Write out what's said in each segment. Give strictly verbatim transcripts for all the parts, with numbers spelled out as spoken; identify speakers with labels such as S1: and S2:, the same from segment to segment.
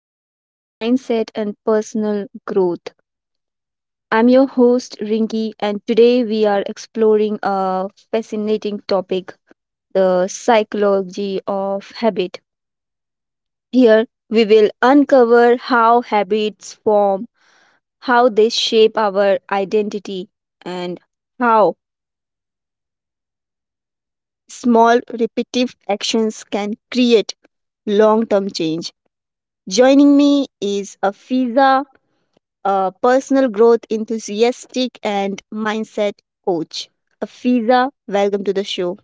S1: the Mindset and Personal Growth. I'm your host, Rinki, and today we are exploring a fascinating topic, the psychology of habit. Here, we will uncover how habits form, how they shape our identity, and how small repetitive actions can create long term change. Joining me is Afiza, a personal growth enthusiastic and mindset coach. Afiza, welcome to the show.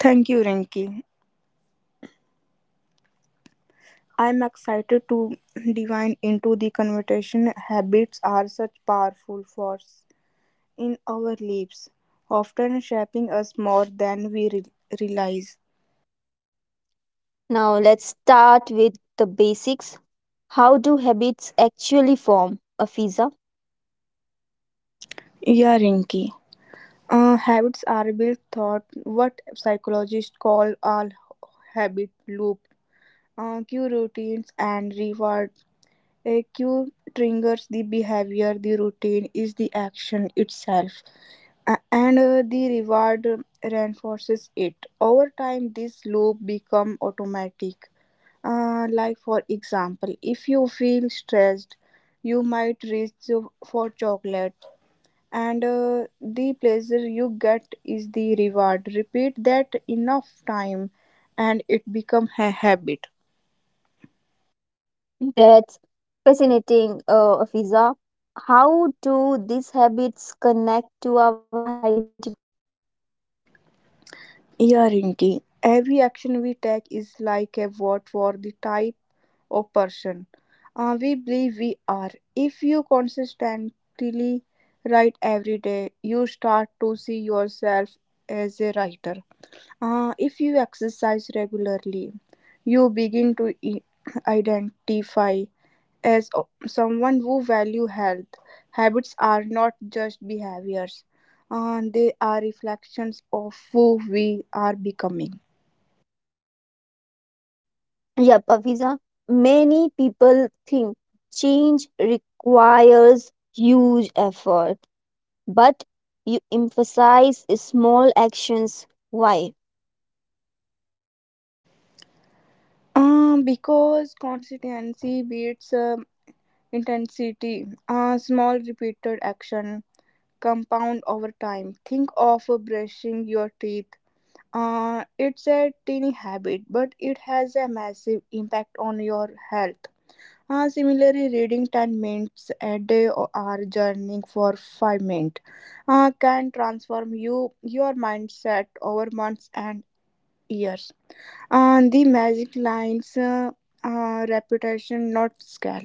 S2: Thank you, Rinki. I'm excited to divine into the conversation. Habits are such powerful force in our lives, often shaping us more than we re- realize.
S1: Now let's start with the basics. How do habits actually form, Afiza?
S2: Yeah, Rinki. Uh, habits are built thought what psychologists call all habit loop. Uh, cue routines and reward. A cue triggers the behavior. The routine is the action itself. A- and uh, The reward reinforces it over time this loop become automatic, uh, like for example if you feel stressed you might reach to- for chocolate, and uh, the pleasure you get is the reward. Repeat that enough time and it become a habit.
S1: That's fascinating, uh, Afiza. How do these habits connect to our identity?
S2: Yeah, Rinki. Every action we take is like a vote for the type or person uh, we believe we are. If you consistently write every day, you start to see yourself as a writer. Uh, if you exercise regularly, you begin to i- identify as o- someone who value health. Habits are not just behaviors. Uh, they are reflections of who we are becoming.
S1: Yep, Afiza. Many people think change requires huge effort, but you emphasize small actions. Why?
S2: Um, because consistency beats um, intensity, a small repeated action, compound over time. Think of brushing your teeth. Uh, it's a tiny habit, but it has a massive impact on your health. Uh, similarly, reading ten minutes a day or or journaling for five minutes, uh, can transform you your mindset over months and years. Uh, the magic lines uh, uh, reputation, not scale.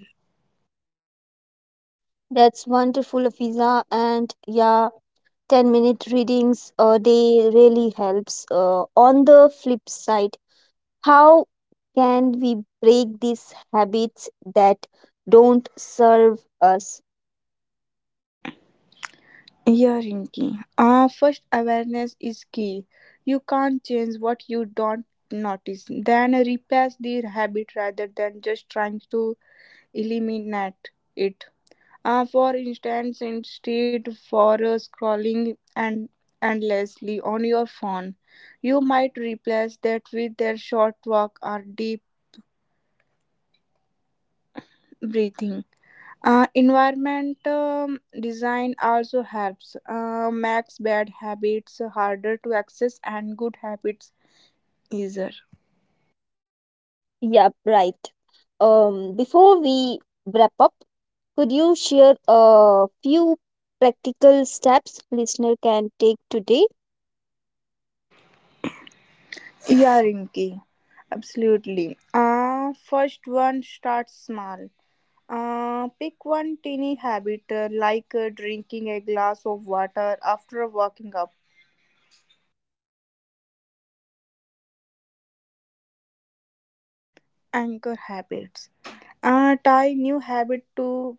S1: That's wonderful, Afiza. And yeah, ten minute readings a day really helps. Uh, on the flip side, how can we break these habits that don't serve us?
S2: Yeah, Rinki. Uh, first, awareness is key. You can't change what you don't notice. Then, replace the habit rather than just trying to eliminate it. Uh, for instance, instead for uh, scrolling and endlessly on your phone, you might replace that with a short walk or deep breathing. Uh, environment um, design also helps, uh, makes bad habits harder to access and good habits easier.
S1: Yep, right. Um, before we wrap up, could you share a few practical steps listener can take today?
S2: Yeah, Rinki, absolutely. Uh, first one, start small. Uh, pick one teeny habit, uh, like uh, drinking a glass of water after waking up. Anchor habits. Uh, tie new habit to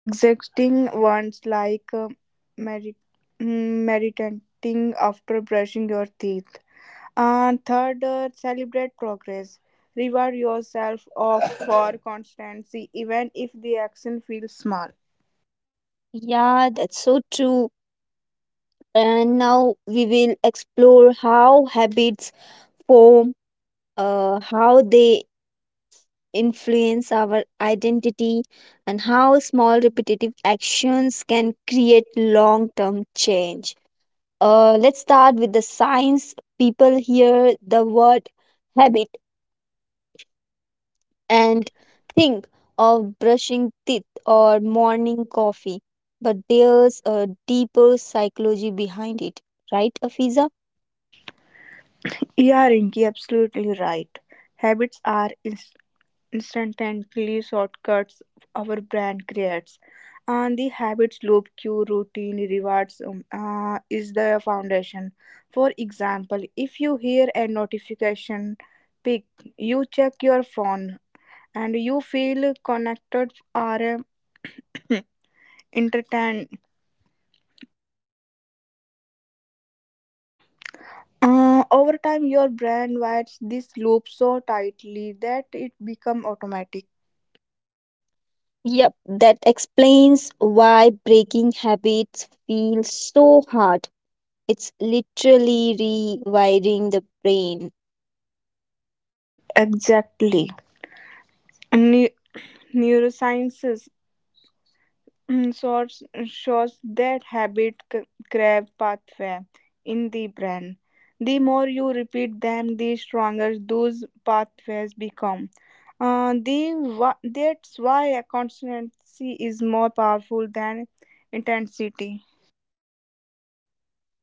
S2: exacting ones, like uh, merit- mm, meditating after brushing your teeth. And third, uh, celebrate progress. Reward yourself of for constancy, even if the action feels small.
S1: Yeah, that's so true. And now we will explore how habits form, uh, how they influence our identity, and how small repetitive actions can create long term change. Uh, let's start with the science. People hear the word habit
S2: And
S1: and think of brushing teeth or morning coffee, but there's a deeper psychology behind it, right, Afiza?
S2: yeah, Rinki, absolutely right. Habits are instantly shortcuts our brand creates. And the habits loop, cue, routine, rewards, um, uh, is the foundation. For example, if you hear a notification pick, you check your phone and you feel connected or uh, entertained. Uh, over time, your brain wires this loop so tightly that it becomes automatic.
S1: Yep, that explains why breaking habits feels so hard. It's literally rewiring the brain.
S2: Exactly. Ne- Neurosciences, Mm, shows, shows that habit c- crave pathway in the brain. The more you repeat them, the stronger those pathways become. Uh, the, wha- that's why a consistency is more powerful than intensity.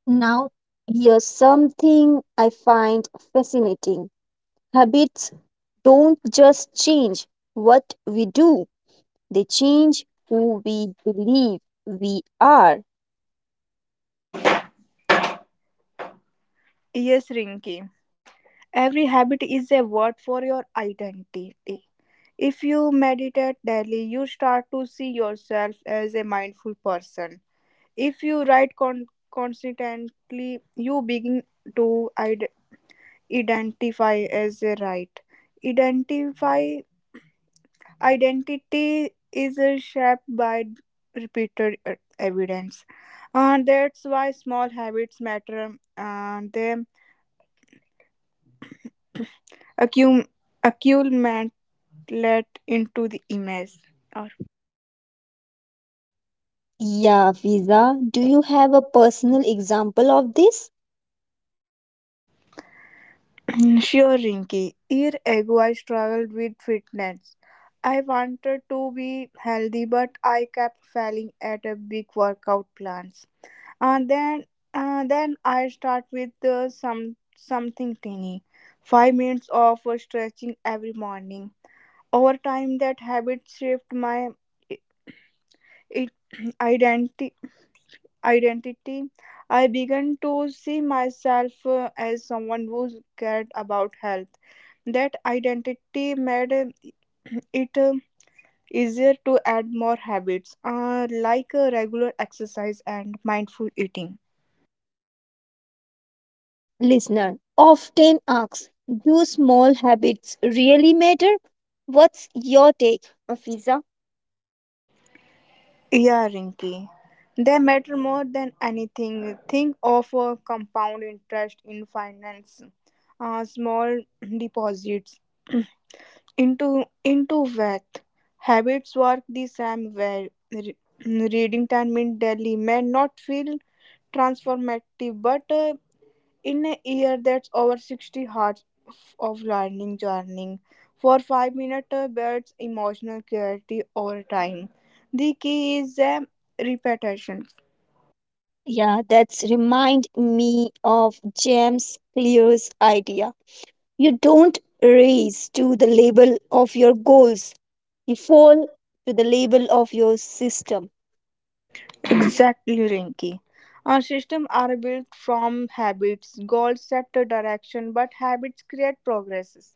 S1: Now, here's something I find fascinating. Habits don't just change what we do, they change who we believe we are.
S2: Yes, Rinky. Every habit is a word for your identity. If you meditate daily, you start to see yourself as a mindful person. If you write con- consistently, you begin to id- identify as a right. Identify Identity is uh, shaped by repeated uh, evidence, and that's why small habits matter. And they accum- accumulate into the image.
S1: Yeah, Fiza, do you have a personal example of this?
S2: Sure, Rinky. Year ago, I struggled with fitness. I wanted to be healthy, but I kept failing at a big workout plans. And then, uh, then I start with uh, some something tiny, five minutes of uh, stretching every morning. Over time, that habit shaped my it, identity. Identity. I began to see myself uh, as someone who cared about health. That identity made it, um, easier to add more habits, uh, like uh, regular exercise and mindful eating.
S1: Listener often asks, do small habits really matter? What's your take, Afiza?
S2: Yeah, Rinky. They matter more than anything. Think of a compound interest in finance, uh, small deposits into into wealth. Habits work the same way. Re- reading ten minutes daily may not feel transformative, but uh, in a year that's over sixty hours of learning journey for five minutes builds emotional clarity over time. The key is um, repetition.
S1: Yeah, that's remind me of James Clear's idea. You don't race to the label of your goals, you fall to the label of your system.
S2: Exactly, Rinky. Our systems are built from habits. Goals set a direction, but habits create progresses.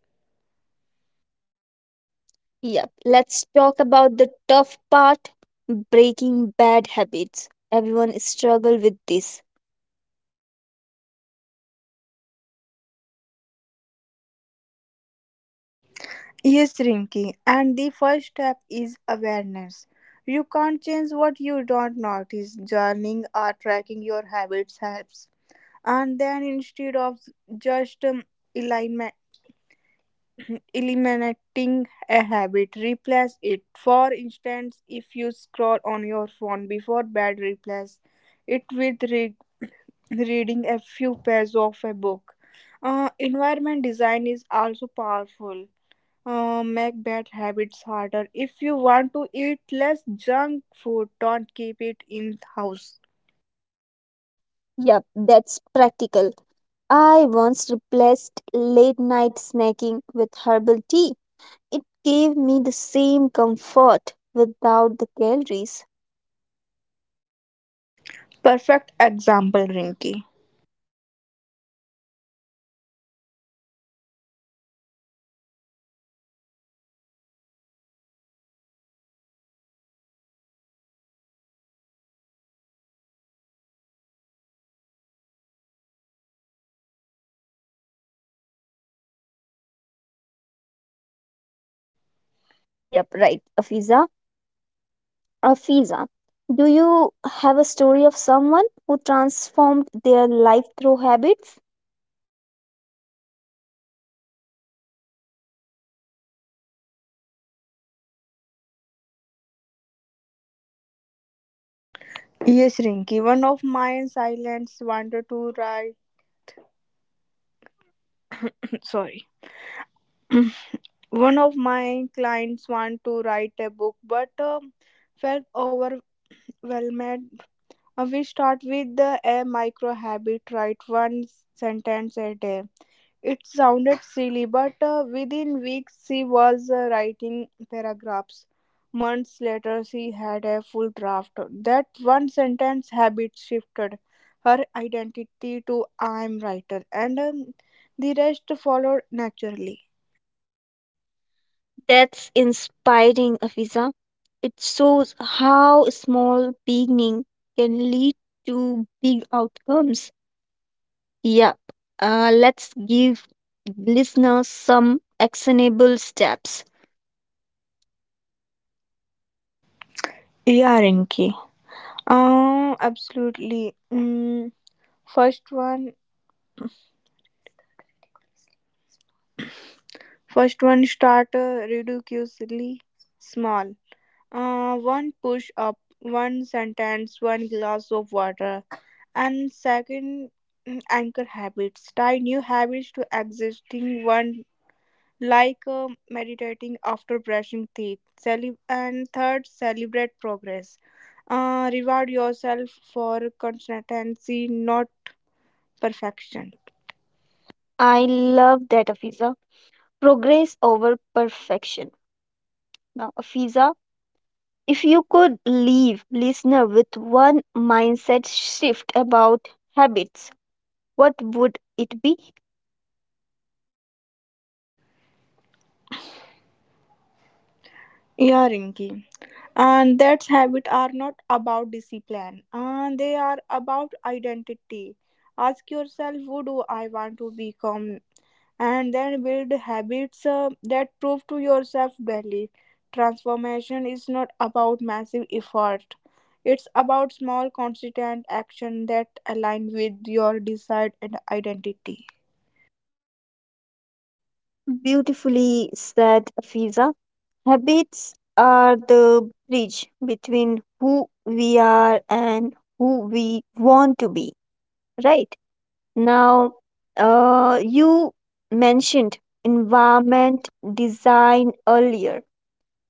S1: Yep, let's talk about the tough part, breaking bad habits. Everyone struggle with this.
S2: Yes, Rinky, and the first step is awareness. You can't change what you don't notice. Journaling or tracking your habits helps. And then, instead of just um, elimi- eliminating a habit, replace it. For instance, if you scroll on your phone before bed, replace it with re- reading a few pages of a book. Uh, environment design is also powerful, uh, make bad habits harder. If you want to eat less junk food, don't keep it in house.
S1: Yep, that's practical. I once replaced late night snacking with herbal tea. It gave me the same comfort without the calories.
S2: Perfect example, Rinky.
S1: Yep, right, Afiza. Afiza, do you have a story of someone who transformed their life through habits?
S2: Yes, Rinky. One of my silents wanted to write. Sorry. One of my clients want to write a book, but um, felt overwhelmed. Uh, we start with the, a micro habit. Write one sentence a day. It sounded silly, but uh, within weeks she was uh, writing paragraphs. Months later, she had a full draft. That one sentence habit shifted her identity to I am writer, and um, the rest followed naturally.
S1: That's inspiring, Afiza. It shows how small beginning can lead to big outcomes. Yep. Uh, let's give listeners some actionable steps.
S2: Yeah, Rinki. Uh, absolutely. Mm, first one, first one, start uh, ridiculously small. Uh, one push up, one sentence, one glass of water. And second, mm, anchor habits. Tie new habits to existing one, like uh, meditating after brushing teeth. Cele- and third, celebrate progress. Uh, reward yourself for consistency, not perfection.
S1: I love that, Afiza. Progress over perfection. Now, Afiza, if you could leave listener with one mindset shift about habits, what would it be?
S2: Yeah, Rinki. And that's habit are not about discipline. And they are about identity. Ask yourself, who do I want to become, and then build habits uh, that prove to yourself daily. Transformation is not about massive effort, it's about small, consistent action that align with your desired and identity.
S1: Beautifully said, Afiza. Habits are the bridge between who we are and who we want to be, right? Now, uh, you mentioned environment design earlier.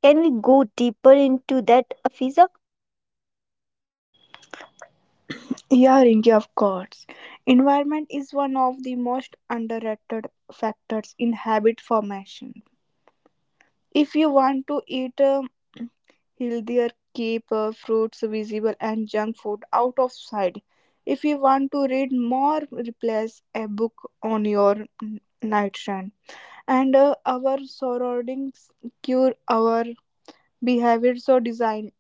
S1: Can we go deeper into that, Afiza?
S2: Yeah, Ringy, of course. Environment is one of the most underrated factors in habit formation. If you want to eat uh, healthier, keep uh, fruits visible and junk food out of sight. If you want to read more, replace a book on your n- nightstand, and uh, our surroundings cure our behavior. So design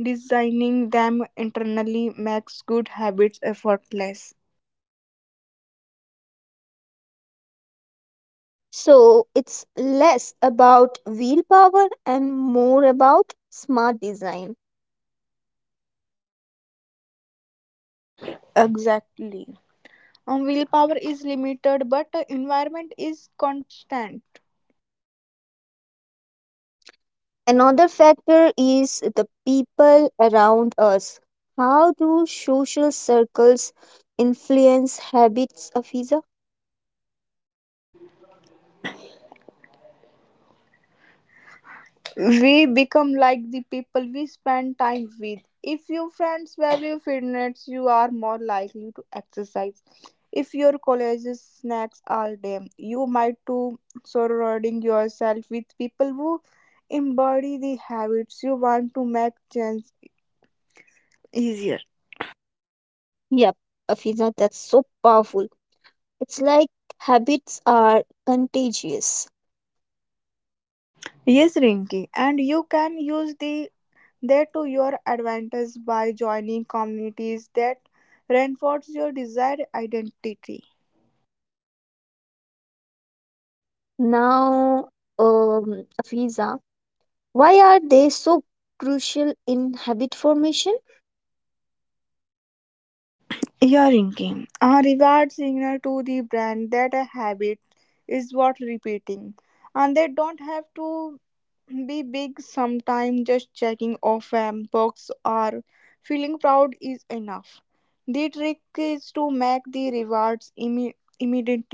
S2: designing them internally makes good habits effortless.
S1: So it's less about willpower and more about smart design.
S2: Exactly. Um, willpower is limited, but uh, environment is constant.
S1: Another factor is the people around us. How do social circles influence habits, Afiza?
S2: We become like the people we spend time with. If your friends value fitness, you are more likely to exercise. If your college snacks all day, you might too. Surrounding yourself with people who embody the habits you want to make change easier.
S1: Yep, Afiza, that's so powerful. It's like habits are contagious.
S2: Yes, Rinky, and you can use the that to your advantage by joining communities that reinforce your desired identity.
S1: Now, um, Afiza, why are they so crucial in habit formation?
S2: Earringing, a reward signal to the brand that a habit is worth repeating. And they don't have to be big. Sometimes just checking off a box or feeling proud is enough. The trick is to make the rewards imme- immediate,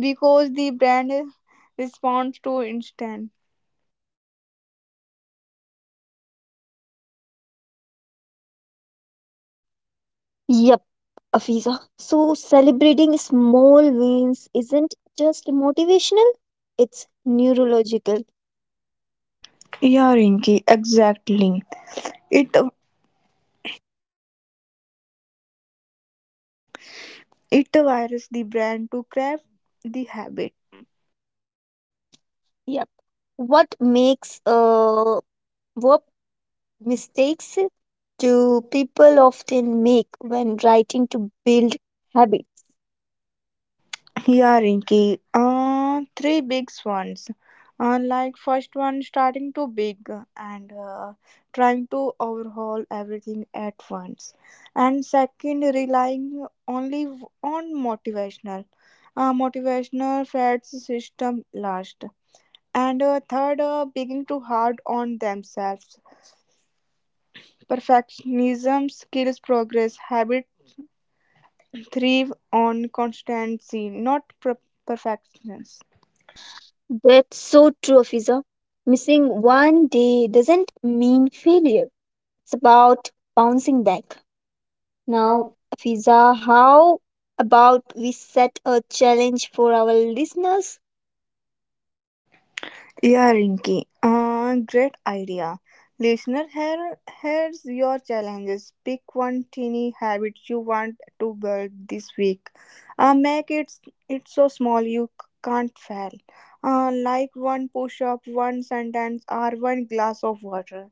S2: because the brand responds to instant.
S1: Yep, Afiza. So celebrating small wins isn't just motivational, it's neurological.
S2: Earringing, exactly. It it wires the brand to craft the habit.
S1: Yeah. What makes uh, what mistakes do people often make when writing to build habit?
S2: Yeah, Rinky. Uh, three big ones. Uh, like first one, starting too big and uh, trying to overhaul everything at once, and second, relying only v- on motivational, uh, motivational fads system last, and uh, third, uh, being too hard on themselves. Perfectionism skills progress. Habit thrive on constancy, not per- perfections.
S1: That's so true, Afiza. Missing one day doesn't mean failure. It's about bouncing back. Now,
S2: Now.
S1: Fiza, how about we set a challenge for our listeners?
S2: Yeah, Rinky. Uh, great idea. Listener, here, here's your challenges. Pick one teeny habit you want to build this week. Uh, make it it so small you c- can't fail. Uh, like one push-up, one sentence, or one glass of water.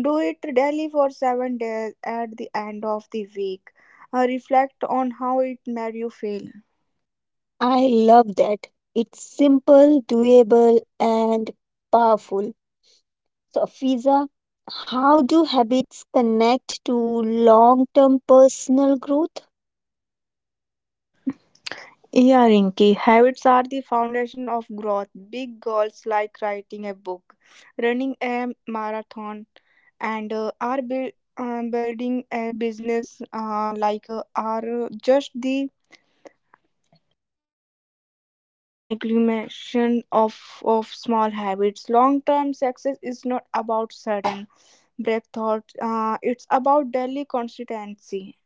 S2: Do it daily for seven days. At the end of the week, uh, reflect on how it made you feel.
S1: I love that. It's simple, doable, and powerful. So, Fiza, how do habits connect to long term personal growth?
S2: Yeah, Rinki, habits are the foundation of growth. Big goals like writing a book, running a marathon, and uh, are build, uh, building a business, uh, like uh, are just the accumulation of, of small habits. Long term success is not about sudden breakthroughs, uh, it's about daily consistency.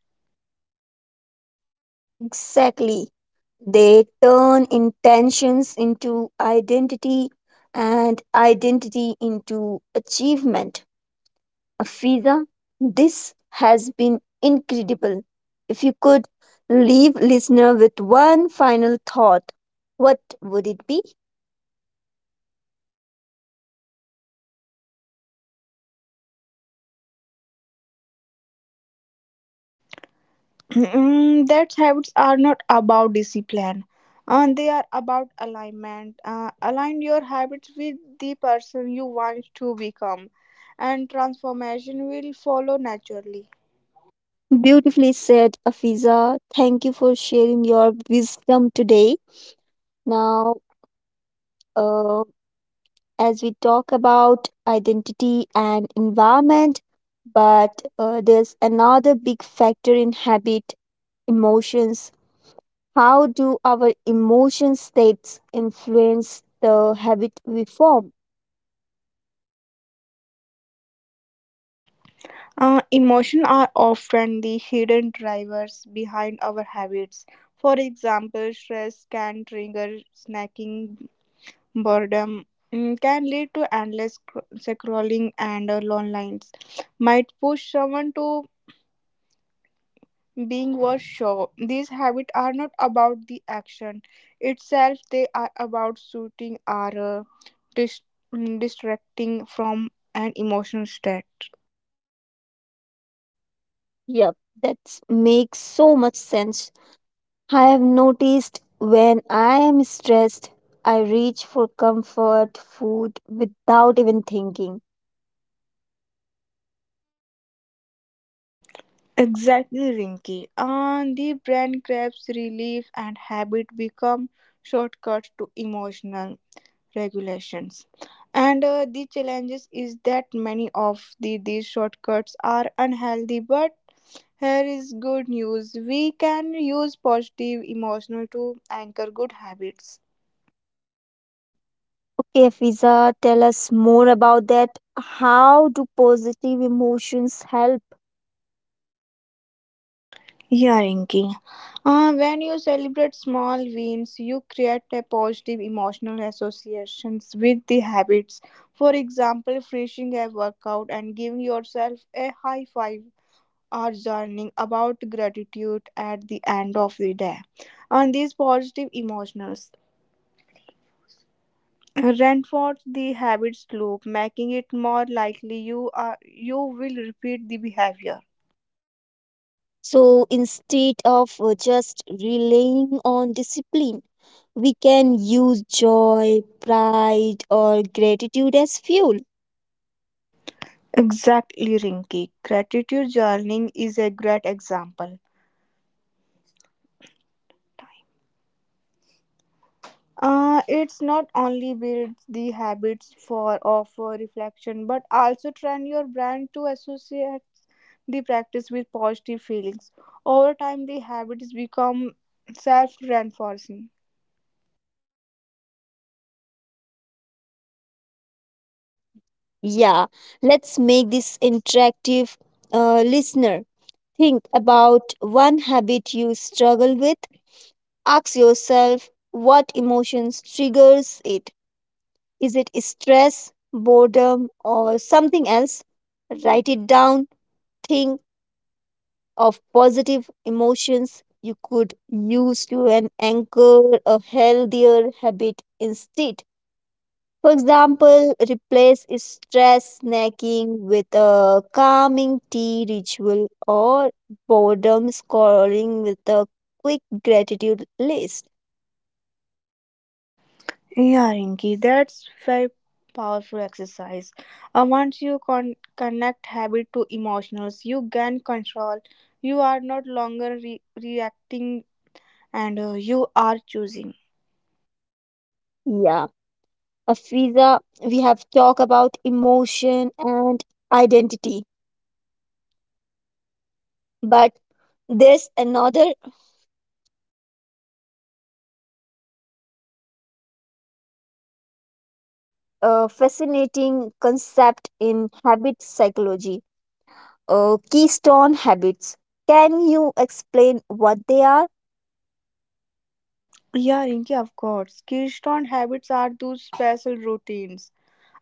S1: Exactly. They turn intentions into identity and identity into achievement. Afiza, this has been incredible. If you could leave listener with one final thought, what would it be?
S2: Mm, that habits are not about discipline, and they are about alignment. Uh, align your habits with the person you want to become, and transformation will follow naturally.
S1: Beautifully said, Afiza. Thank you for sharing your wisdom today. Now, uh, as we talk about identity and environment, but uh, there's another big factor in habit, emotions. How do our emotion states influence the habit we form?
S2: Uh, emotions are often the hidden drivers behind our habits. For example, stress can trigger snacking, boredom, mm, can lead to endless scro- scrolling, and uh, long lines might push someone to being was show. These habits are not about the action itself, they are about suiting or uh, dis- mm, distracting from an emotional state.
S1: Yep, that makes so much sense. I have noticed when I am stressed, I reach for comfort food without even thinking.
S2: Exactly, Rinky. And the brain craves relief, and habit become shortcuts to emotional regulations. And uh, the challenges is that many of the these shortcuts are unhealthy, but here is good news, we can use positive emotional to anchor good habits.
S1: Okay, Fiza, tell us more about that. How do positive emotions help?
S2: Yeah, Rinki. Uh, when you celebrate small wins, you create a positive emotional associations with the habits. For example, finishing a workout and giving yourself a high five, or journaling about gratitude at the end of the day. And these positive emotions reinforce the habits loop, making it more likely you are you will repeat the behavior.
S1: So instead of uh, just relying on discipline, we can use joy, pride, or gratitude as fuel.
S2: Exactly, Rinky. Gratitude journaling is a great example. Uh, it's not only builds the habits for of uh, reflection, but also train your brain to associate the practice with positive feelings. Over time, the habits become self-reinforcing.
S1: Yeah, let's make this interactive, uh, listener. Think about one habit you struggle with. Ask yourself what emotions triggers it. Is it stress, boredom, or something else? Write it down. Think of positive emotions you could use to an anchor a healthier habit instead. For example, replace stress snacking with a calming tea ritual or boredom scrolling with a quick gratitude list.
S2: Yeah, Rinki, that's very powerful exercise. Uh, once you con- connect habit to emotionals, you gain control. You are not longer re- reacting, and uh, you are choosing.
S1: Yeah, Afiza, we have talked about emotion and identity, but there's another uh, fascinating concept in habit psychology, uh, keystone habits. Can you explain what they are?
S2: Yeah, Rinki, of course. Keystone habits are those special routines,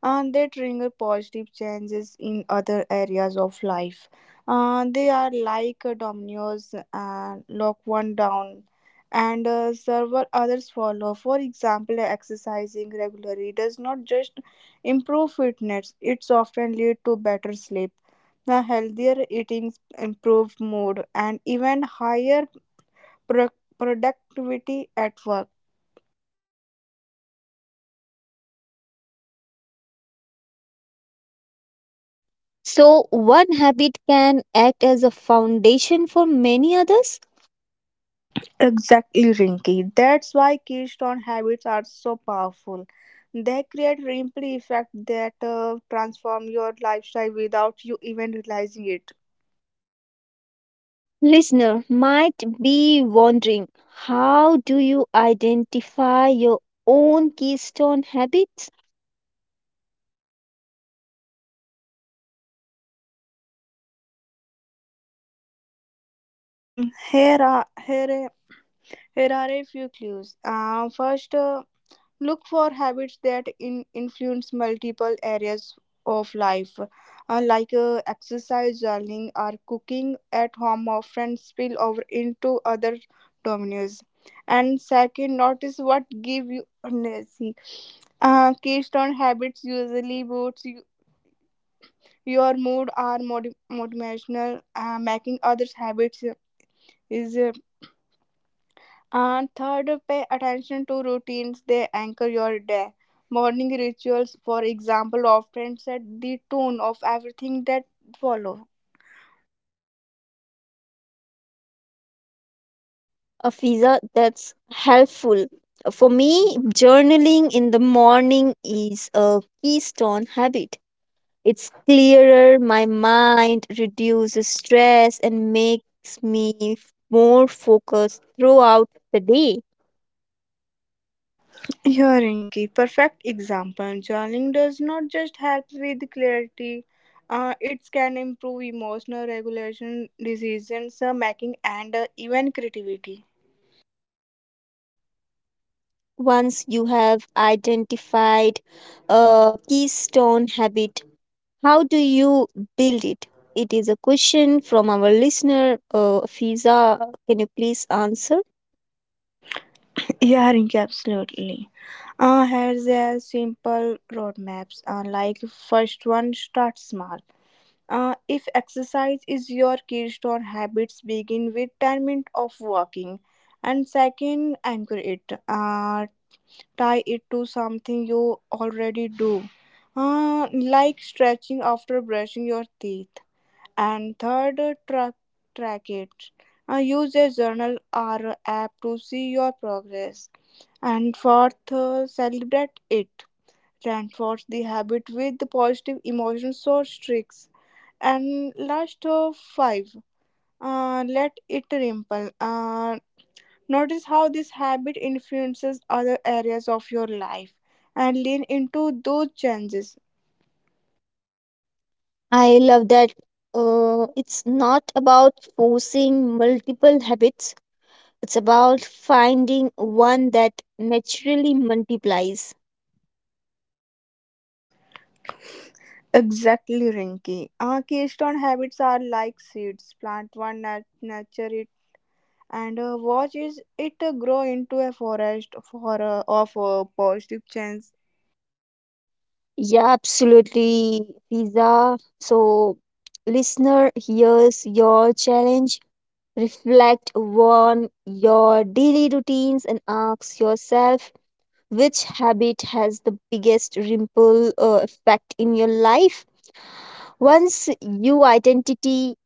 S2: and they trigger positive changes in other areas of life. Uh, they are like uh, dominoes, and lock one down, and uh, several others follow. For example, exercising regularly does not just improve fitness, it's often lead to better sleep. The healthier eating, improved mood, and even higher pro- productivity at work.
S1: So, one habit can act as a foundation for many others.
S2: Exactly, Rinky. That's why keystone habits are so powerful. They create ripple effect that uh, transform your lifestyle without you even realizing it.
S1: Listener might be wondering, how do you identify your own keystone habits?
S2: Mhm. Here are here, are- here are a few clues. Uh, first, uh, look for habits that in influence multiple areas of life, uh, like uh, exercise, journaling, or cooking at home, often spill over into other domains. And second, notice what give you energy. Uh, keystone habits usually boosts you, your mood or motiv- motivational. Uh, making others habits is uh, and third, pay attention to routines. They anchor your day. Morning rituals, for example, often set the tone of everything that follow.
S1: A visa, that's helpful. For me, journaling in the morning is a keystone habit. It's clearer, my mind reduces stress and makes me f- more focused throughout the day.
S2: Here, Inky, perfect example. Journaling does not just help with clarity, uh, it can improve emotional regulation, decision uh, making, and uh, even creativity.
S1: Once you have identified a keystone habit, how do you build it? It is a question from our listener, uh, Fiza. Can you please answer?
S2: Yeah, Rinky, absolutely. Uh, here's a simple roadmaps. Uh, like first one, start small. Uh, if exercise is your keystone habits, begin with ten minutes of walking. And second, anchor it. Uh, tie it to something you already do, uh, like stretching after brushing your teeth. And third, track, track it. Uh, use a journal or app to see your progress. And fourth, uh, celebrate it. Reinforce the habit with positive emotions or tricks, and last of five, uh, let it rimple. Uh, notice how this habit influences other areas of your life, and lean into those changes.
S1: I love that. Uh, it's not about forcing multiple habits, it's about finding one that naturally multiplies.
S2: Exactly, Rinky. Uh, keystone habits are like seeds. Plant one, nat- nurture it, and uh, watch is it uh, grow into a forest for uh, of uh, positive change.
S1: Yeah, absolutely, Fiza. So, listener, here's your challenge. Reflect on your daily routines and ask yourself which habit has the biggest ripple uh, effect in your life. Once you identity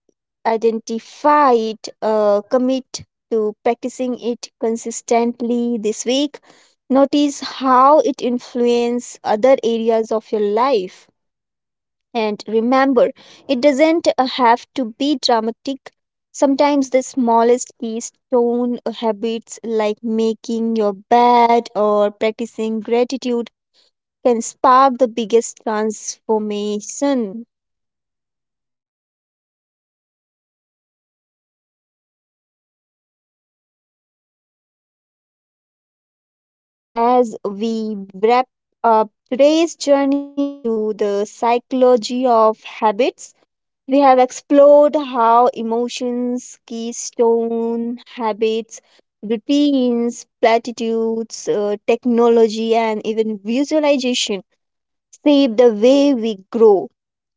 S1: identify it, uh, commit to practicing it consistently this week. Notice how it influences other areas of your life. And remember, it doesn't uh, have to be dramatic. Sometimes the smallest keystone habits, like making your bed or practicing gratitude, can spark the biggest transformation. As we wrap up today's journey into the psychology of habits, we have explored how emotions, keystone habits, routines, platitudes, uh, technology, and even visualization shape the way we grow.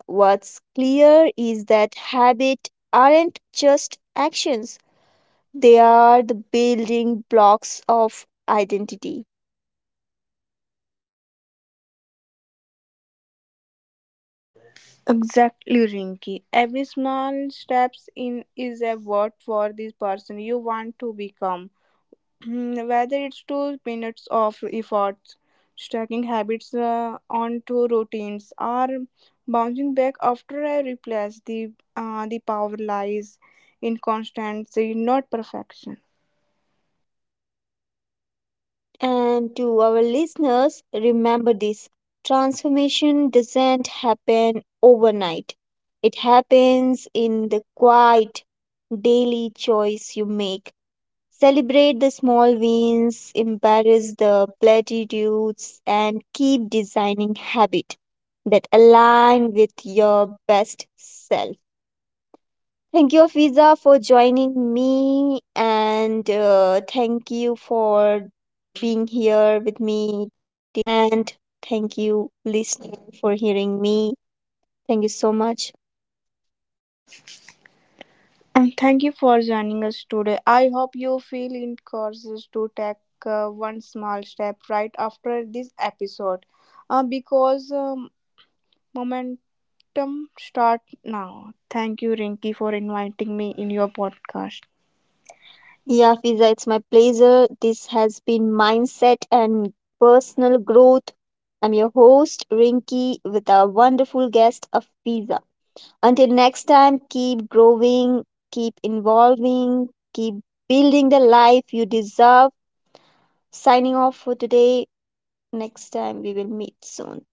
S1: What's clear is that habits aren't just actions, they are the building blocks of identity.
S2: Exactly, Rinky. Every small steps in is a vote for this person you want to become. Mm, whether it's two minutes of effort, stacking habits uh, onto routines, or bouncing back after I replace the uh, the power lies in constancy, not perfection.
S1: And to our listeners, remember this: transformation doesn't happen overnight, it happens in the quiet daily choice you make. Celebrate the small wins, embrace the platitudes, and keep designing habits that align with your best self. Thank you, Fiza, for joining me, and uh, thank you for being here with me till the end. Thank you, listener, for hearing me. Thank you so much.
S2: And thank you for joining us today. I hope you feel encouraged to take uh, one small step right after this episode, uh, because um, momentum start now. Thank you, Rinky, for inviting me in your podcast.
S1: Yeah, Fiza, it's my pleasure. This has been Mindset and Personal Growth. I'm your host, Rinky, with our wonderful guest of Fiza. Until next time, keep growing, keep involving, keep building the life you deserve. Signing off for today. Next time we will meet soon.